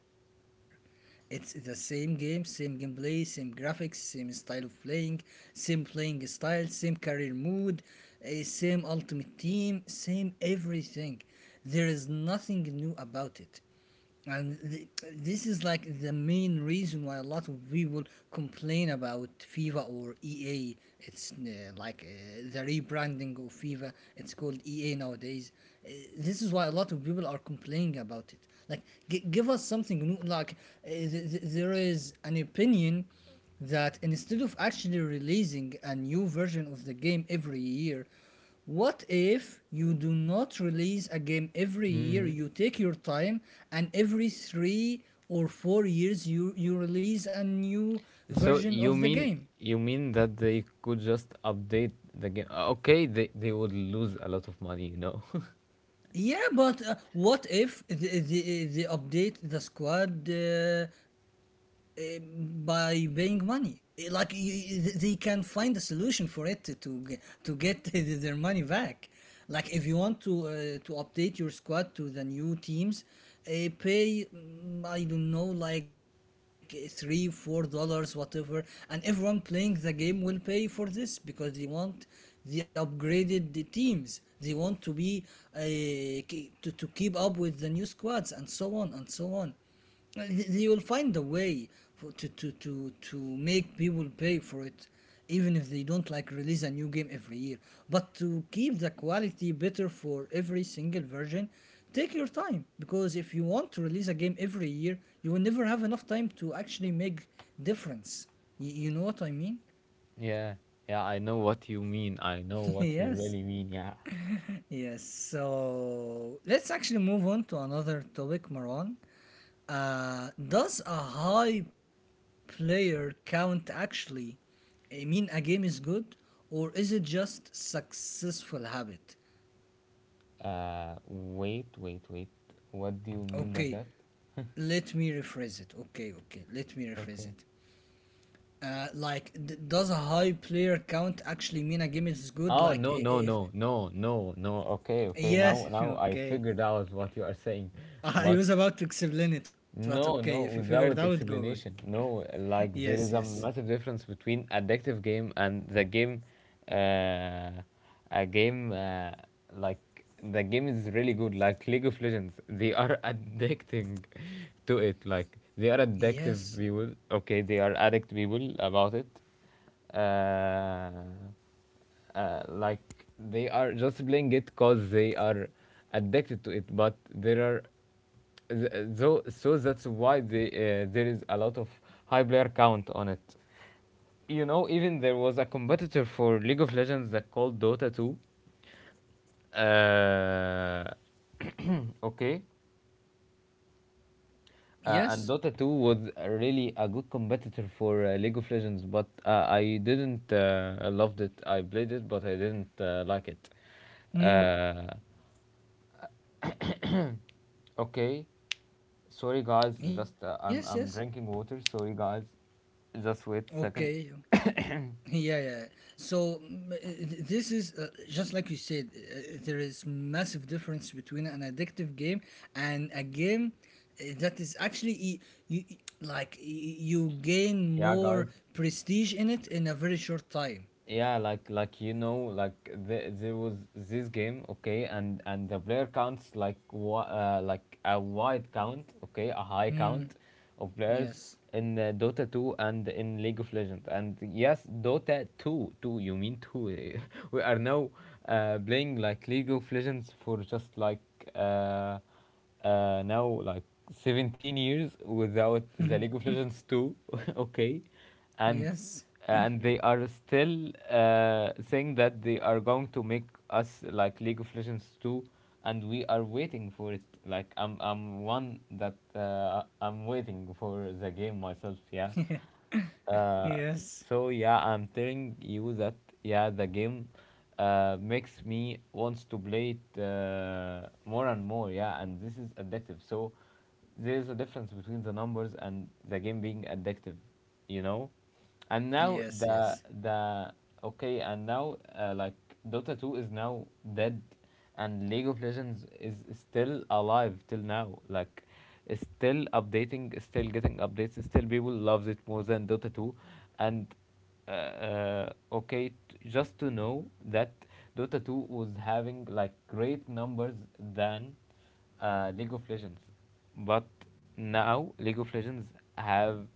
A: It's the same game, same gameplay, same graphics, same style of playing, same playing style, same career mood, eh, same ultimate team, same everything. There is nothing new about it. And th- this is like the main reason why a lot of people complain about FIFA or EA. It's the rebranding of FIFA. It's called EA nowadays. Uh, this is why a lot of people are complaining about it. Like, give us something new. Like, there is an opinion that instead of actually releasing a new version of the game every year, what if you do not release a game every year?
B: Hmm,
A: You take your time, and every 3 or 4 years, you release a new
B: so
A: version of
B: you
A: the
B: mean
A: game.
B: that they could just update the game. Okay, they would lose a lot of money, you know.
A: Yeah, but what if they update the squad uh, by paying money? Like they can find a solution for it to get their money back. Like if you want to update your squad to the new teams, pay I don't know like 3 4 dollars whatever, and everyone playing the game will pay for this because they upgraded the teams they want to be to keep up with the new squads and so on and so on. Uh, they will find a way for, to make people pay for it, even if they don't like release a new game every year, but to keep the quality better for every single version. Take your time, because if you want to release a game every year, you will never have enough time to actually make difference. You know what I mean.
B: Yeah, yeah, I know what you mean, I know what you
A: Yes.
B: really mean, yeah.
A: Yes, so let's actually move on to another topic, Marwan. Does a high player count actually mean a game is good, or is it just successful habit?
B: Wait, wait, wait. What do you mean by
A: Okay,
B: that?
A: let me rephrase it. Okay, okay, let me rephrase
B: Okay.
A: it. Like, does a high player count actually mean a game is good?
B: Oh,
A: Like,
B: no, no,
A: if
B: no, no, no, no. Okay, okay. Now,
A: yes,
B: I
A: okay.
B: figured out what you are saying.
A: I
B: But
A: was about to explain it, but okay, if
B: no,
A: you
B: no,
A: figure it out,
B: without
A: go away.
B: explanation. No, like,
A: Yes,
B: there is
A: yes.
B: a massive difference between addictive game and the game, uh, a game like, the game is really good, like League of Legends. They are addicting to it. Like, they are addictive
A: Yes.
B: people. Okay, they are addict people about it. Like they are just playing it because they are addicted to it, but there are that's why there is a lot of high player count on it, you know. Even there was a competitor for League of Legends that called Dota 2. Uh, okay and
A: Yes.
B: Dota 2 was really a good competitor for League of Legends, but I didn't I loved it. I played it, but I didn't like it.
A: Mm.
B: Uh, okay, Sorry guys,
A: Yes.
B: just
A: Yes.
B: I'm drinking water. Sorry guys, just wait a
A: Okay.
B: second.
A: Yeah. Yeah. So this is just like you said. There is massive difference between an addictive game and a game that is actually like you gain
B: Yeah,
A: more
B: guys.
A: prestige in it in a very short time.
B: You know, like, there was this game, okay, and the player counts like like a wide count, okay, a high count
A: Mm.
B: of players
A: Yes.
B: in Dota 2 and in League of Legends. And yes, Dota 2. You mean 2? We are now playing like League of Legends for just uh like 17 years without the League of Legends 2. Okay,
A: Yes.
B: and and they are still saying that they are going to make us like League of Legends 2, and we are waiting for it. Like I'm one that I'm waiting for the game myself. Yeah,
A: Yes.
B: uh, so yeah, I'm telling you that yeah, the game makes me wants to play it more and more. Yeah, and this is addictive. So there is a difference between the numbers and the game being addictive, you know. And now
A: Yes.
B: the
A: Yes.
B: the okay, and now like, Dota 2 is now dead, and League of Legends is still alive till now. Like, it's still updating, it's still getting updates, it's still people loves it more than Dota 2. And okay, just to know that Dota 2 was having like great numbers than League of Legends, but now League of Legends have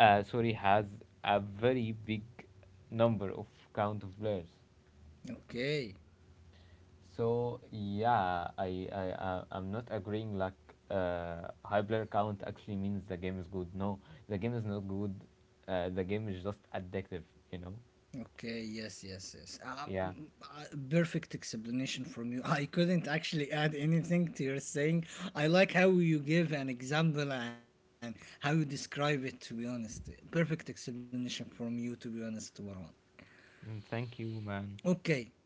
B: sorry, has a very big number of count of players.
A: Okay.
B: So yeah, I'm not agreeing like high player count actually means the game is good. No, the game is not good. The game is just addictive, you know.
A: Okay, yes, yes, yes.
B: Yeah.
A: Perfect explanation from you. I couldn't actually add anything to your saying. I like how you give an example and how you describe it, to be honest. Perfect explanation from you, to be honest, Warren.
B: Mm, thank you, man.
A: Okay.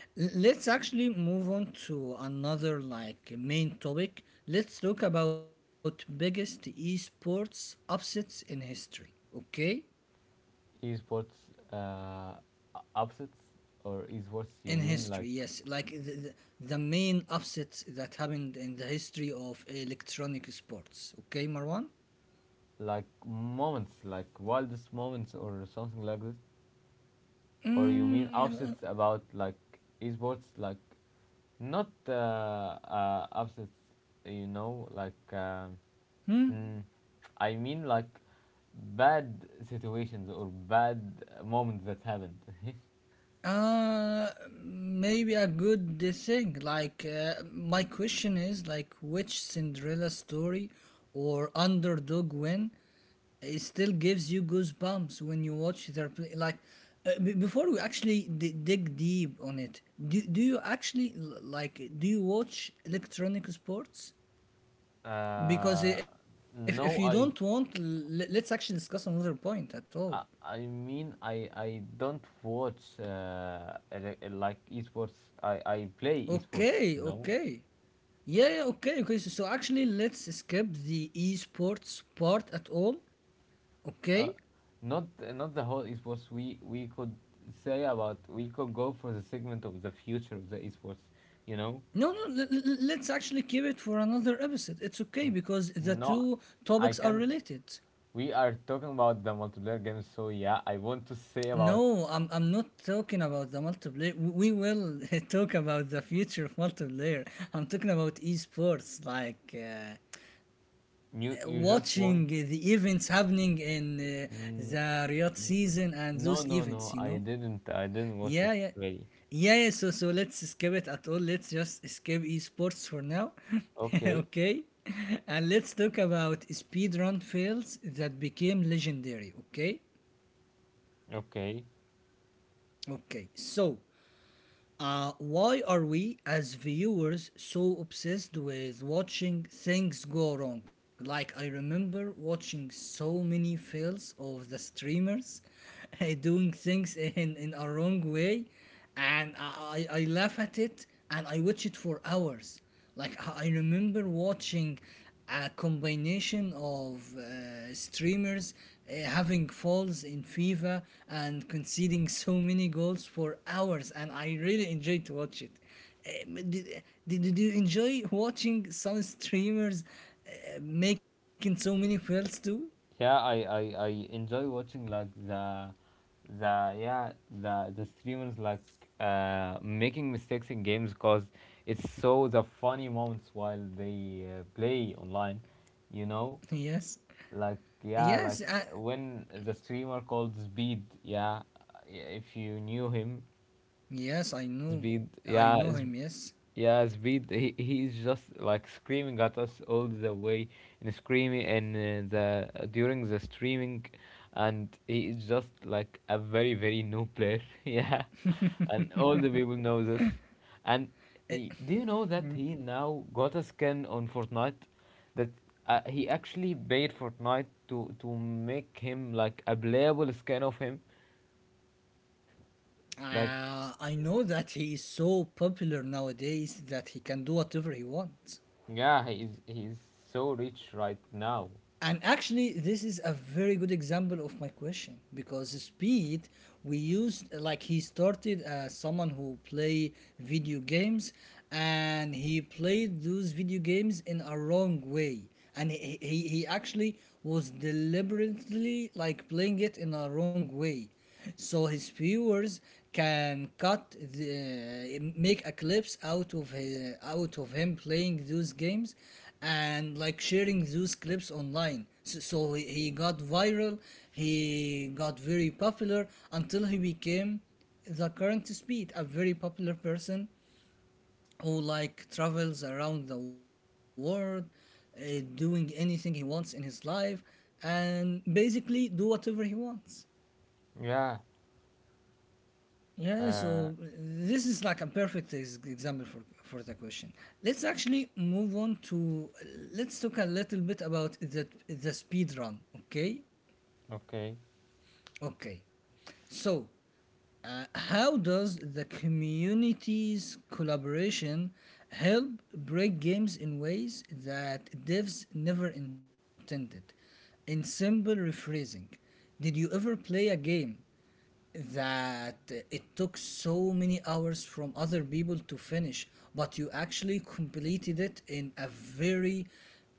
A: Let's actually move on to another like main topic. Let's talk about biggest esports upsets in history. Okay?
B: Esports upsets? Or
A: In
B: esports, you
A: history,
B: mean
A: yes,
B: like
A: like the main upsets that happened in the history of electronic sports, okay, Marwan.
B: like moments, like wildest moments or something like this? Or you mean
A: mm,
B: upsets about like esports, like not upsets, you know, like,
A: hmm?
B: mm, I mean, like bad situations or bad moments that happened.
A: uh Maybe a good thing like, my question is like which Cinderella story or underdog win, it still gives you goosebumps when you watch their play. Like before we actually dig deep on it, do do you actually like do you watch electronic sports? Because
B: uh
A: if you don't
B: no,
A: want, let's actually discuss another point at all.
B: I mean, I don't watch like esports, I play
A: Okay,
B: esports, you know.
A: okay. Yeah, yeah, okay, okay. So, so actually, let's skip the esports part at all. Okay.
B: uh, Not not the whole esports. We could say about, we could go for the segment of the future of the esports, you know.
A: No, no, let's actually keep it for another episode. It's okay
B: N-
A: because the
B: Not,
A: two
B: I
A: topics are
B: can.
A: related.
B: We are talking about the multiplayer games, so yeah, I want to say about
A: No, I'm not talking about the multiplayer. We will talk about the future of multiplayer. I'm talking about esports, like
B: you. You just want.
A: watching the events happening in
B: Mm,
A: the Riyadh season and
B: no,
A: those
B: no, no.
A: events. You
B: I
A: know?
B: didn't. I didn't watch it
A: Yeah, yeah.
B: really.
A: Yeah, yeah, so so let's skip it at all. Let's just skip esports for now.
B: Okay,
A: Okay. And let's talk about speedrun fails that became legendary, okay?
B: okay.
A: Okay. So, why are we as viewers so obsessed with watching things go wrong? Like, I remember watching so many fails of the streamers doing things in a wrong way, and I laugh at it and I watch it for hours. Like I remember watching a combination of streamers having falls in FIFA and conceding so many goals for hours, and I really enjoyed to watch it. Um, Did, did you enjoy watching some streamers making so many fails too?
B: Yeah, I enjoy watching like the yeah the the streamers like making mistakes in games because it's so the funny moments while they play online, you know,
A: Yes.
B: like yeah, like
A: Yes, I,
B: when the streamer called Speed, yeah, if you knew him,
A: yes, I know.
B: Speed,
A: I
B: yeah,
A: know him, yes.
B: Yeah, Speed. He's just like screaming at us all the way and screaming and the during the streaming, and he is just like a very, very new player. Yeah, and all the people know this. And do you know that he now got a skin on Fortnite that he actually paid Fortnite to make him like a playable skin of him. Like
A: I know that he is so popular nowadays that he can do whatever he wants.
B: yeah, he's so rich right now.
A: And actually, this is a very good example of my question because Speed, we used like he started as someone who play video games, and he played those video games in a wrong way, and he actually was deliberately like playing it in a wrong way so his viewers can cut the, make a clips out of his, out of him playing those games and like sharing those clips online, so, so he got viral, he got very popular until he became the current Speed, a very popular person who like travels around the world, doing anything he wants in his life, and basically do whatever he wants.
B: Yeah,
A: Yeah,
B: uh,
A: so this is like a perfect example for the question. Let's actually move on to, let's talk a little bit about the speed run. Okay,
B: okay.
A: okay. So, how does the community's collaboration help break games in ways that devs never intended? In simple rephrasing, did you ever play a game that it took so many hours from other people to finish, but you actually completed it in a very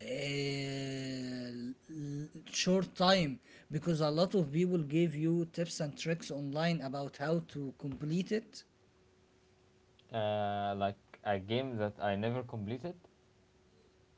A: short time because a lot of people gave you tips and tricks online about how to complete it.
B: Like a game that I never completed?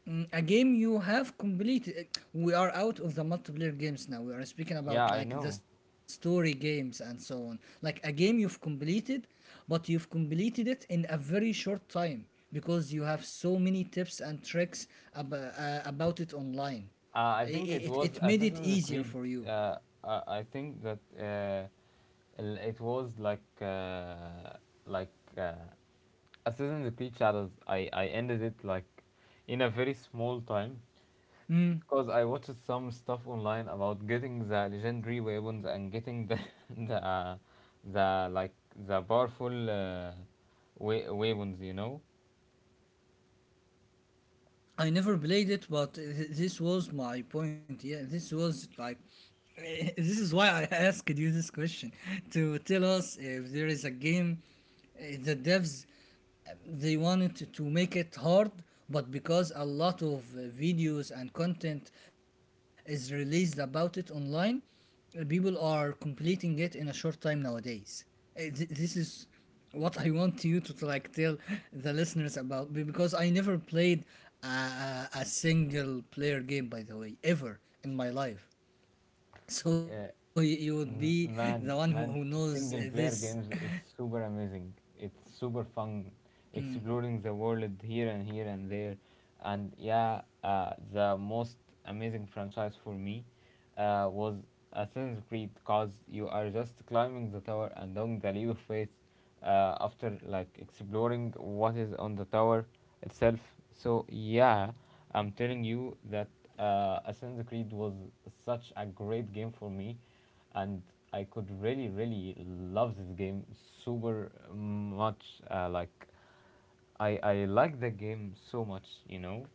A: Mm, a game you have completed. We are out of the multiplayer games now. We are speaking
B: Yeah,
A: about
B: I
A: like the
B: know.
A: story games and so on. Like a game you've completed, but you've completed it in a very short time because you have so many tips and tricks about it online.
B: I think it
A: It,
B: was
A: it made it
B: Assassin's
A: easier
B: Creed.
A: for you.
B: Uh, I think that it was like like uh, Assassin's Creed Shadows. I ended it like in a very small time,
A: Mm.
B: because I watched some stuff online about getting the legendary weapons and getting the the uh, the like the powerful weapons, you know.
A: I never played it, but this was my point. Yeah, this was like, this is why I asked you this question to tell us if there is a game, the devs they wanted to make it hard, but because a lot of videos and content is released about it online, people are completing it in a short time nowadays. This is what I want you to like tell the listeners about because I never played a single player game, by the way, ever in my life, so
B: Uh,
A: you would be the one who
B: Man, man,
A: knows
B: single
A: this.
B: player games is super amazing. It's super fun exploring the world here and here and there. And yeah, the most amazing franchise for me was Assassin's Creed, because you are just climbing the tower and doing the leap of faith after like exploring what is on the tower itself. So yeah, I'm telling you that Assassin's Creed was such a great game for me, and I could really, really love this game super much. Like, I like the game so much, you know,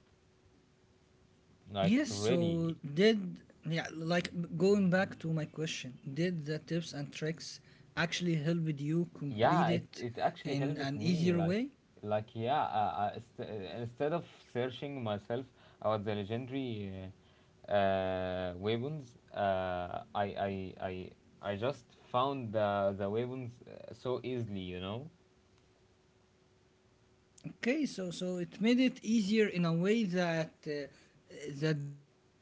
B: like,
A: Yes, so
B: really.
A: did, yeah, like going back to my question, did the tips and tricks actually helped you complete
B: Yeah, It
A: it
B: it actually
A: in
B: helped
A: an
B: me
A: easier
B: like
A: way?
B: like yeah. Uh, uh, st- uh, Instead of searching myself about the legendary weapons, I I I just found the weapons so easily, you know.
A: Okay, so so it made it easier in a way that the devs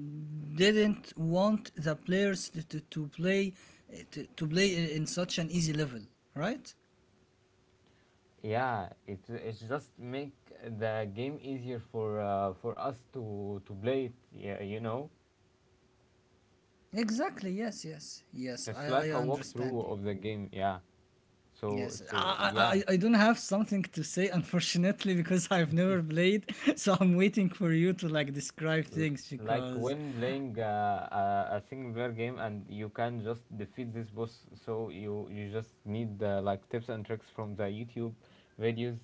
A: didn't want the players to play to play in such an easy level, right?
B: Yeah, it it's just make the game easier for us to play it. Yeah, you know,
A: Exactly. Yes. Yes. Yes.
B: it's
A: I
B: like a
A: understand you.
B: walkthrough of the game. Yeah. So so yeah.
A: I don't have something to say unfortunately because I've never played, so I'm waiting for you to like describe
B: L-
A: things
B: like
A: because.
B: when playing a single player game and you can just defeat this boss, so you just need like tips and tricks from the YouTube videos,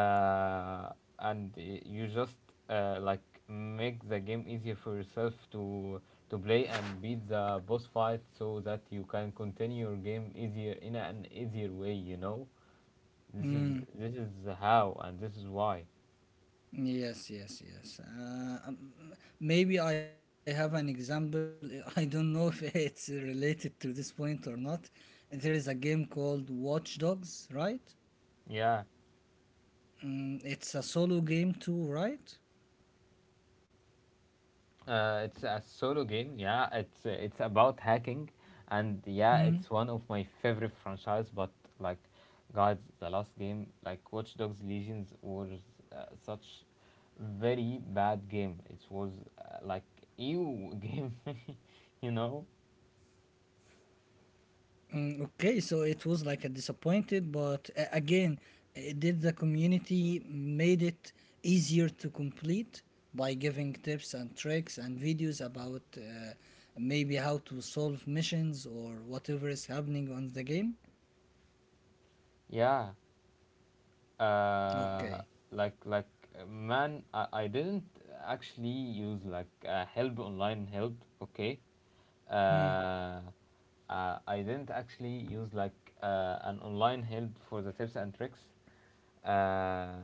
B: uh, and you just like make the game easier for yourself to play and beat the boss fight so that you can continue your game easier in an easier way, you know. this is
A: Mm,
B: this is how and this is why.
A: yes, yes, yes. Maybe I have an example. I don't know if it's related to this point or not. There is a game called Watch Dogs, right?
B: Yeah.
A: Mm, it's a solo game too, right?
B: It's a solo game. Yeah, it's about hacking, and yeah,
A: Mm.
B: it's one of my favorite franchise. But like, guys, the last game, like Watch Dogs Legions, was such very bad game. It was like ew game, you know?
A: Mm, okay, so it was like a disappointed, but again, it did the community made it easier to complete by giving tips and tricks and videos about maybe how to solve missions or whatever is happening on the game?
B: Yeah. Uh,
A: Okay.
B: like like Man, I didn't actually use like help online help. Okay,
A: Hmm.
B: uh, I didn't actually use like an online help for the tips and tricks, uh,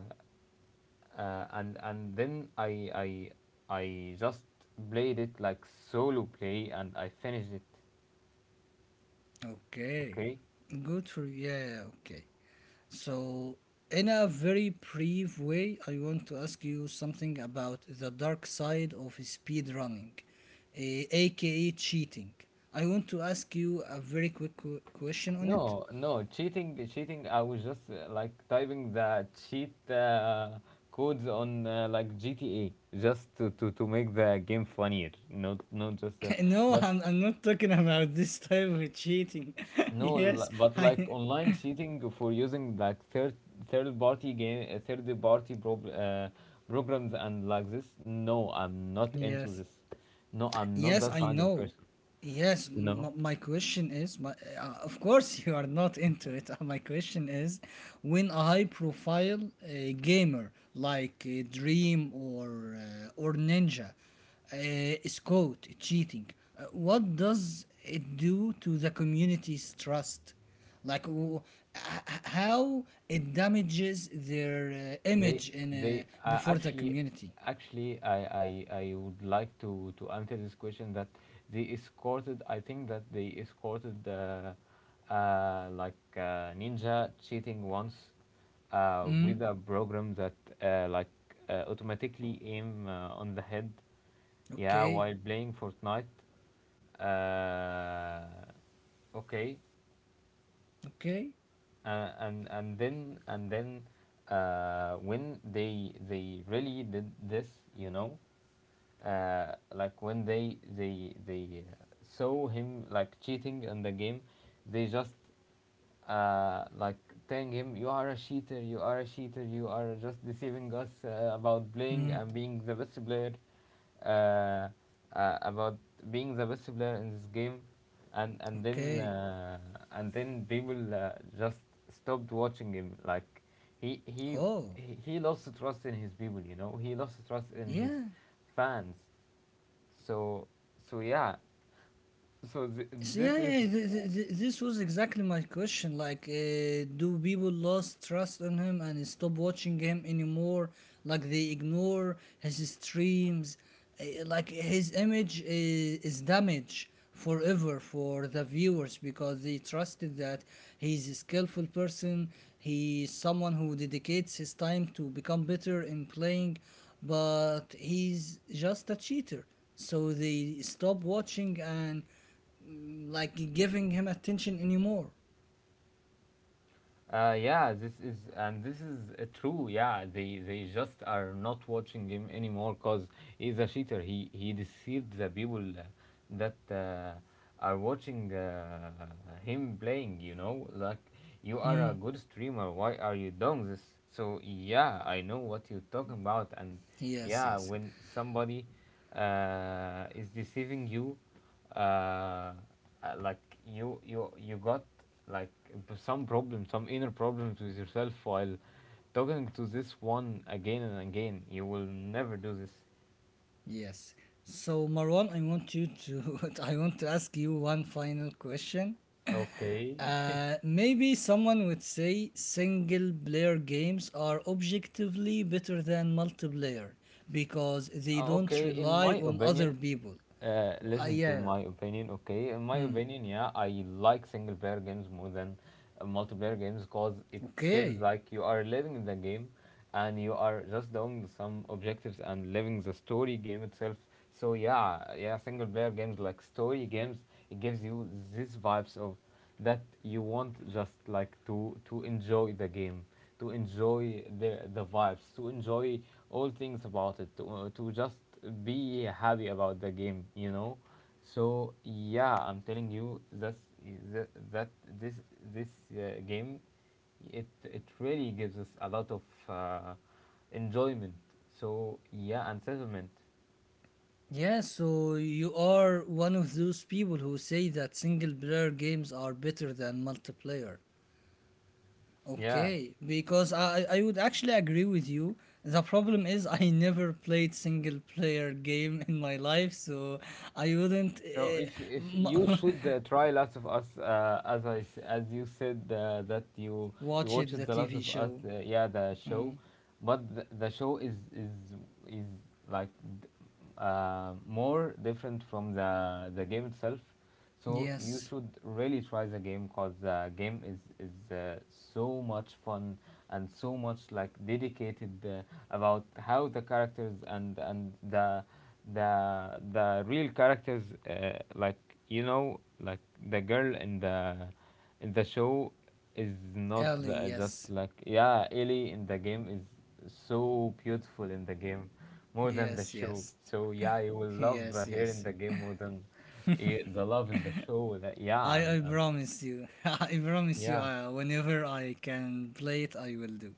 B: and then I just played it like solo play and I finished it.
A: Okay.
B: Okay.
A: Good for yeah, okay. So, in a very brief way, I want to ask you something about the dark side of speedrunning, aka cheating. I want to ask you a very quick question on it.
B: No, no, cheating, cheating. I was just like typing the cheat codes on like GTA, just to make the game funnier, not not just. Uh,
A: No,
B: but
A: I'm not talking about this type of cheating.
B: no,
A: Yes,
B: but like
A: I.
B: online cheating for using like third party game, third party programs and like this. No, I'm not into
A: Yes.
B: this. No, I'm not
A: Yes,
B: that
A: I
B: kind of
A: know.
B: person. You know.
A: My question is, my, of course you are not into it. My question is, when a high-profile gamer like Dream or Ninja is caught cheating, what does it do to the community's trust? Like h- how it damages their
B: They
A: image in
B: they
A: before the
B: actually
A: community?
B: actually I would like to answer this question that they escorted, I think that they escorted Ninja cheating once
A: Mm?
B: with a program that uh, like automatically aim on the head, yeah,
A: Okay,
B: while playing Fortnite. uh, okay
A: okay.
B: and then when they really did this, you know, like when they saw him like cheating in the game, they just like telling him, you are a cheater, you are a cheater, you are just deceiving us about playing
A: Hmm.
B: and being the best player, uh, about being the best player in this game. And then
A: Okay.
B: people just stopped watching him. Like he he
A: Oh,
B: he lost trust in his people. You know, he lost trust in his
A: yeah.
B: fans. So so yeah. So th-
A: So yeah,
B: this is
A: yeah, this was exactly my question. Like, do people lost trust on him and stop watching him anymore? Like, they ignore his streams. Like, his image is damaged forever for the viewers because they trusted that he's a skillful person. He's someone who dedicates his time to become better in playing, but he's just a cheater. So they stop watching and like giving him attention anymore.
B: Yeah, this is, and this is true. Yeah, they just are not watching him anymore because he's a cheater. He deceived the people that are watching him playing. You know, like, you are a
A: Mm,
B: good streamer, why are you doing this? So yeah, I know what you're talking about. And
A: Yes,
B: yeah,
A: yes,
B: when somebody is deceiving you, uh, uh, like, you got like some problem, some inner problems with yourself while talking to this one again and again, you will never do this.
A: yes. So Marwan, I want you to I want to ask you one final question.
B: Okay.
A: Maybe someone would say single player games are objectively better than multiplayer because they don't
B: Okay, in
A: rely
B: my
A: on other
B: opinion,
A: people.
B: listen to
A: Yeah.
B: my opinion. Okay, in my
A: Mm.
B: opinion, yeah, I like single player games more than multiplayer games, because it feels
A: Okay.
B: like you are living in the game and you are just doing some objectives and living the story game itself. So yeah, yeah, single player games, like story games, it gives you these vibes of that you want just like to enjoy the game, to enjoy the vibes, to enjoy all things about it, to just be happy about the game, you know. So yeah, I'm telling you that that, that this this game, it really gives us a lot of uh, enjoyment. So yeah, and settlement.
A: Yeah, so you are one of those people who say that single player games are better than multiplayer.
B: Yeah.
A: Okay, because I would actually agree with you. The problem is I never played single player game in my life, so I wouldn't
B: So if you
A: m-
B: should try Last of Us, as as you said that you you
A: watch it
B: watched
A: the
B: the Last
A: TV
B: of Us,
A: show.
B: yeah, the show,
A: Mm,
B: but the show is is like d- more different from the game itself. So you
A: yes,
B: should really try the game, because the game is so much fun and so much like dedicated about how the characters and the the real characters, like, you know, like the girl in the show is not
A: Ellie.
B: the, just
A: Yes,
B: like, yeah, Ellie in the game is so beautiful in the game more than the
A: yes,
B: show.
A: yes,
B: So yeah, you will love
A: yes,
B: her
A: yes.
B: in the game more than yeah, the love in the show. That, yeah,
A: I promise you. I promise you.
B: yeah,
A: Whenever I can play it, I will do.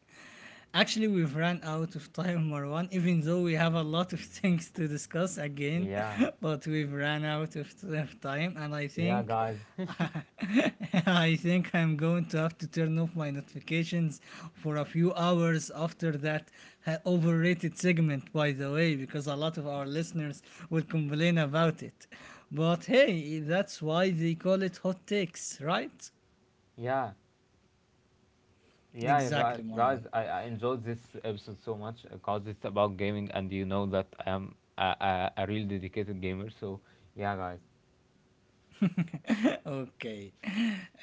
A: Actually, we've run out of time, Marwan, even though we have a lot of things to discuss again,
B: yeah,
A: but we've run out of time, and I
B: yeah,
A: think.
B: guys.
A: I think I'm going to have to turn off my notifications for a few hours after that overrated segment, by the way, because a lot of our listeners will complain about it. But hey, that's why they call it hot takes, right?
B: Yeah, yeah, you guys.
A: Exactly,
B: Guys,
A: Marwan.
B: I enjoyed this episode so much because it's about gaming, and you know that I am a real dedicated gamer. So yeah, guys.
A: Okay.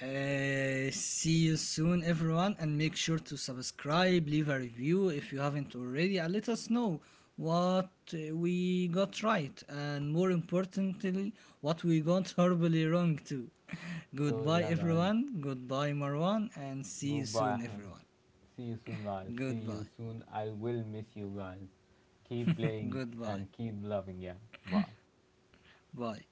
A: See you soon, everyone, and make sure to subscribe, leave a review if you haven't already, and let us know what we got right, and more importantly, what we got horribly wrong too.
B: So
A: Goodbye,
B: yeah, guys.
A: everyone. Goodbye, Marwan, and see you
B: Goodbye,
A: soon,
B: Ahmed.
A: everyone.
B: See you soon, guys. See you
A: Goodbye.
B: soon. I will miss you guys. Keep playing
A: Goodbye.
B: and keep loving. Yeah. Bye.
A: Bye.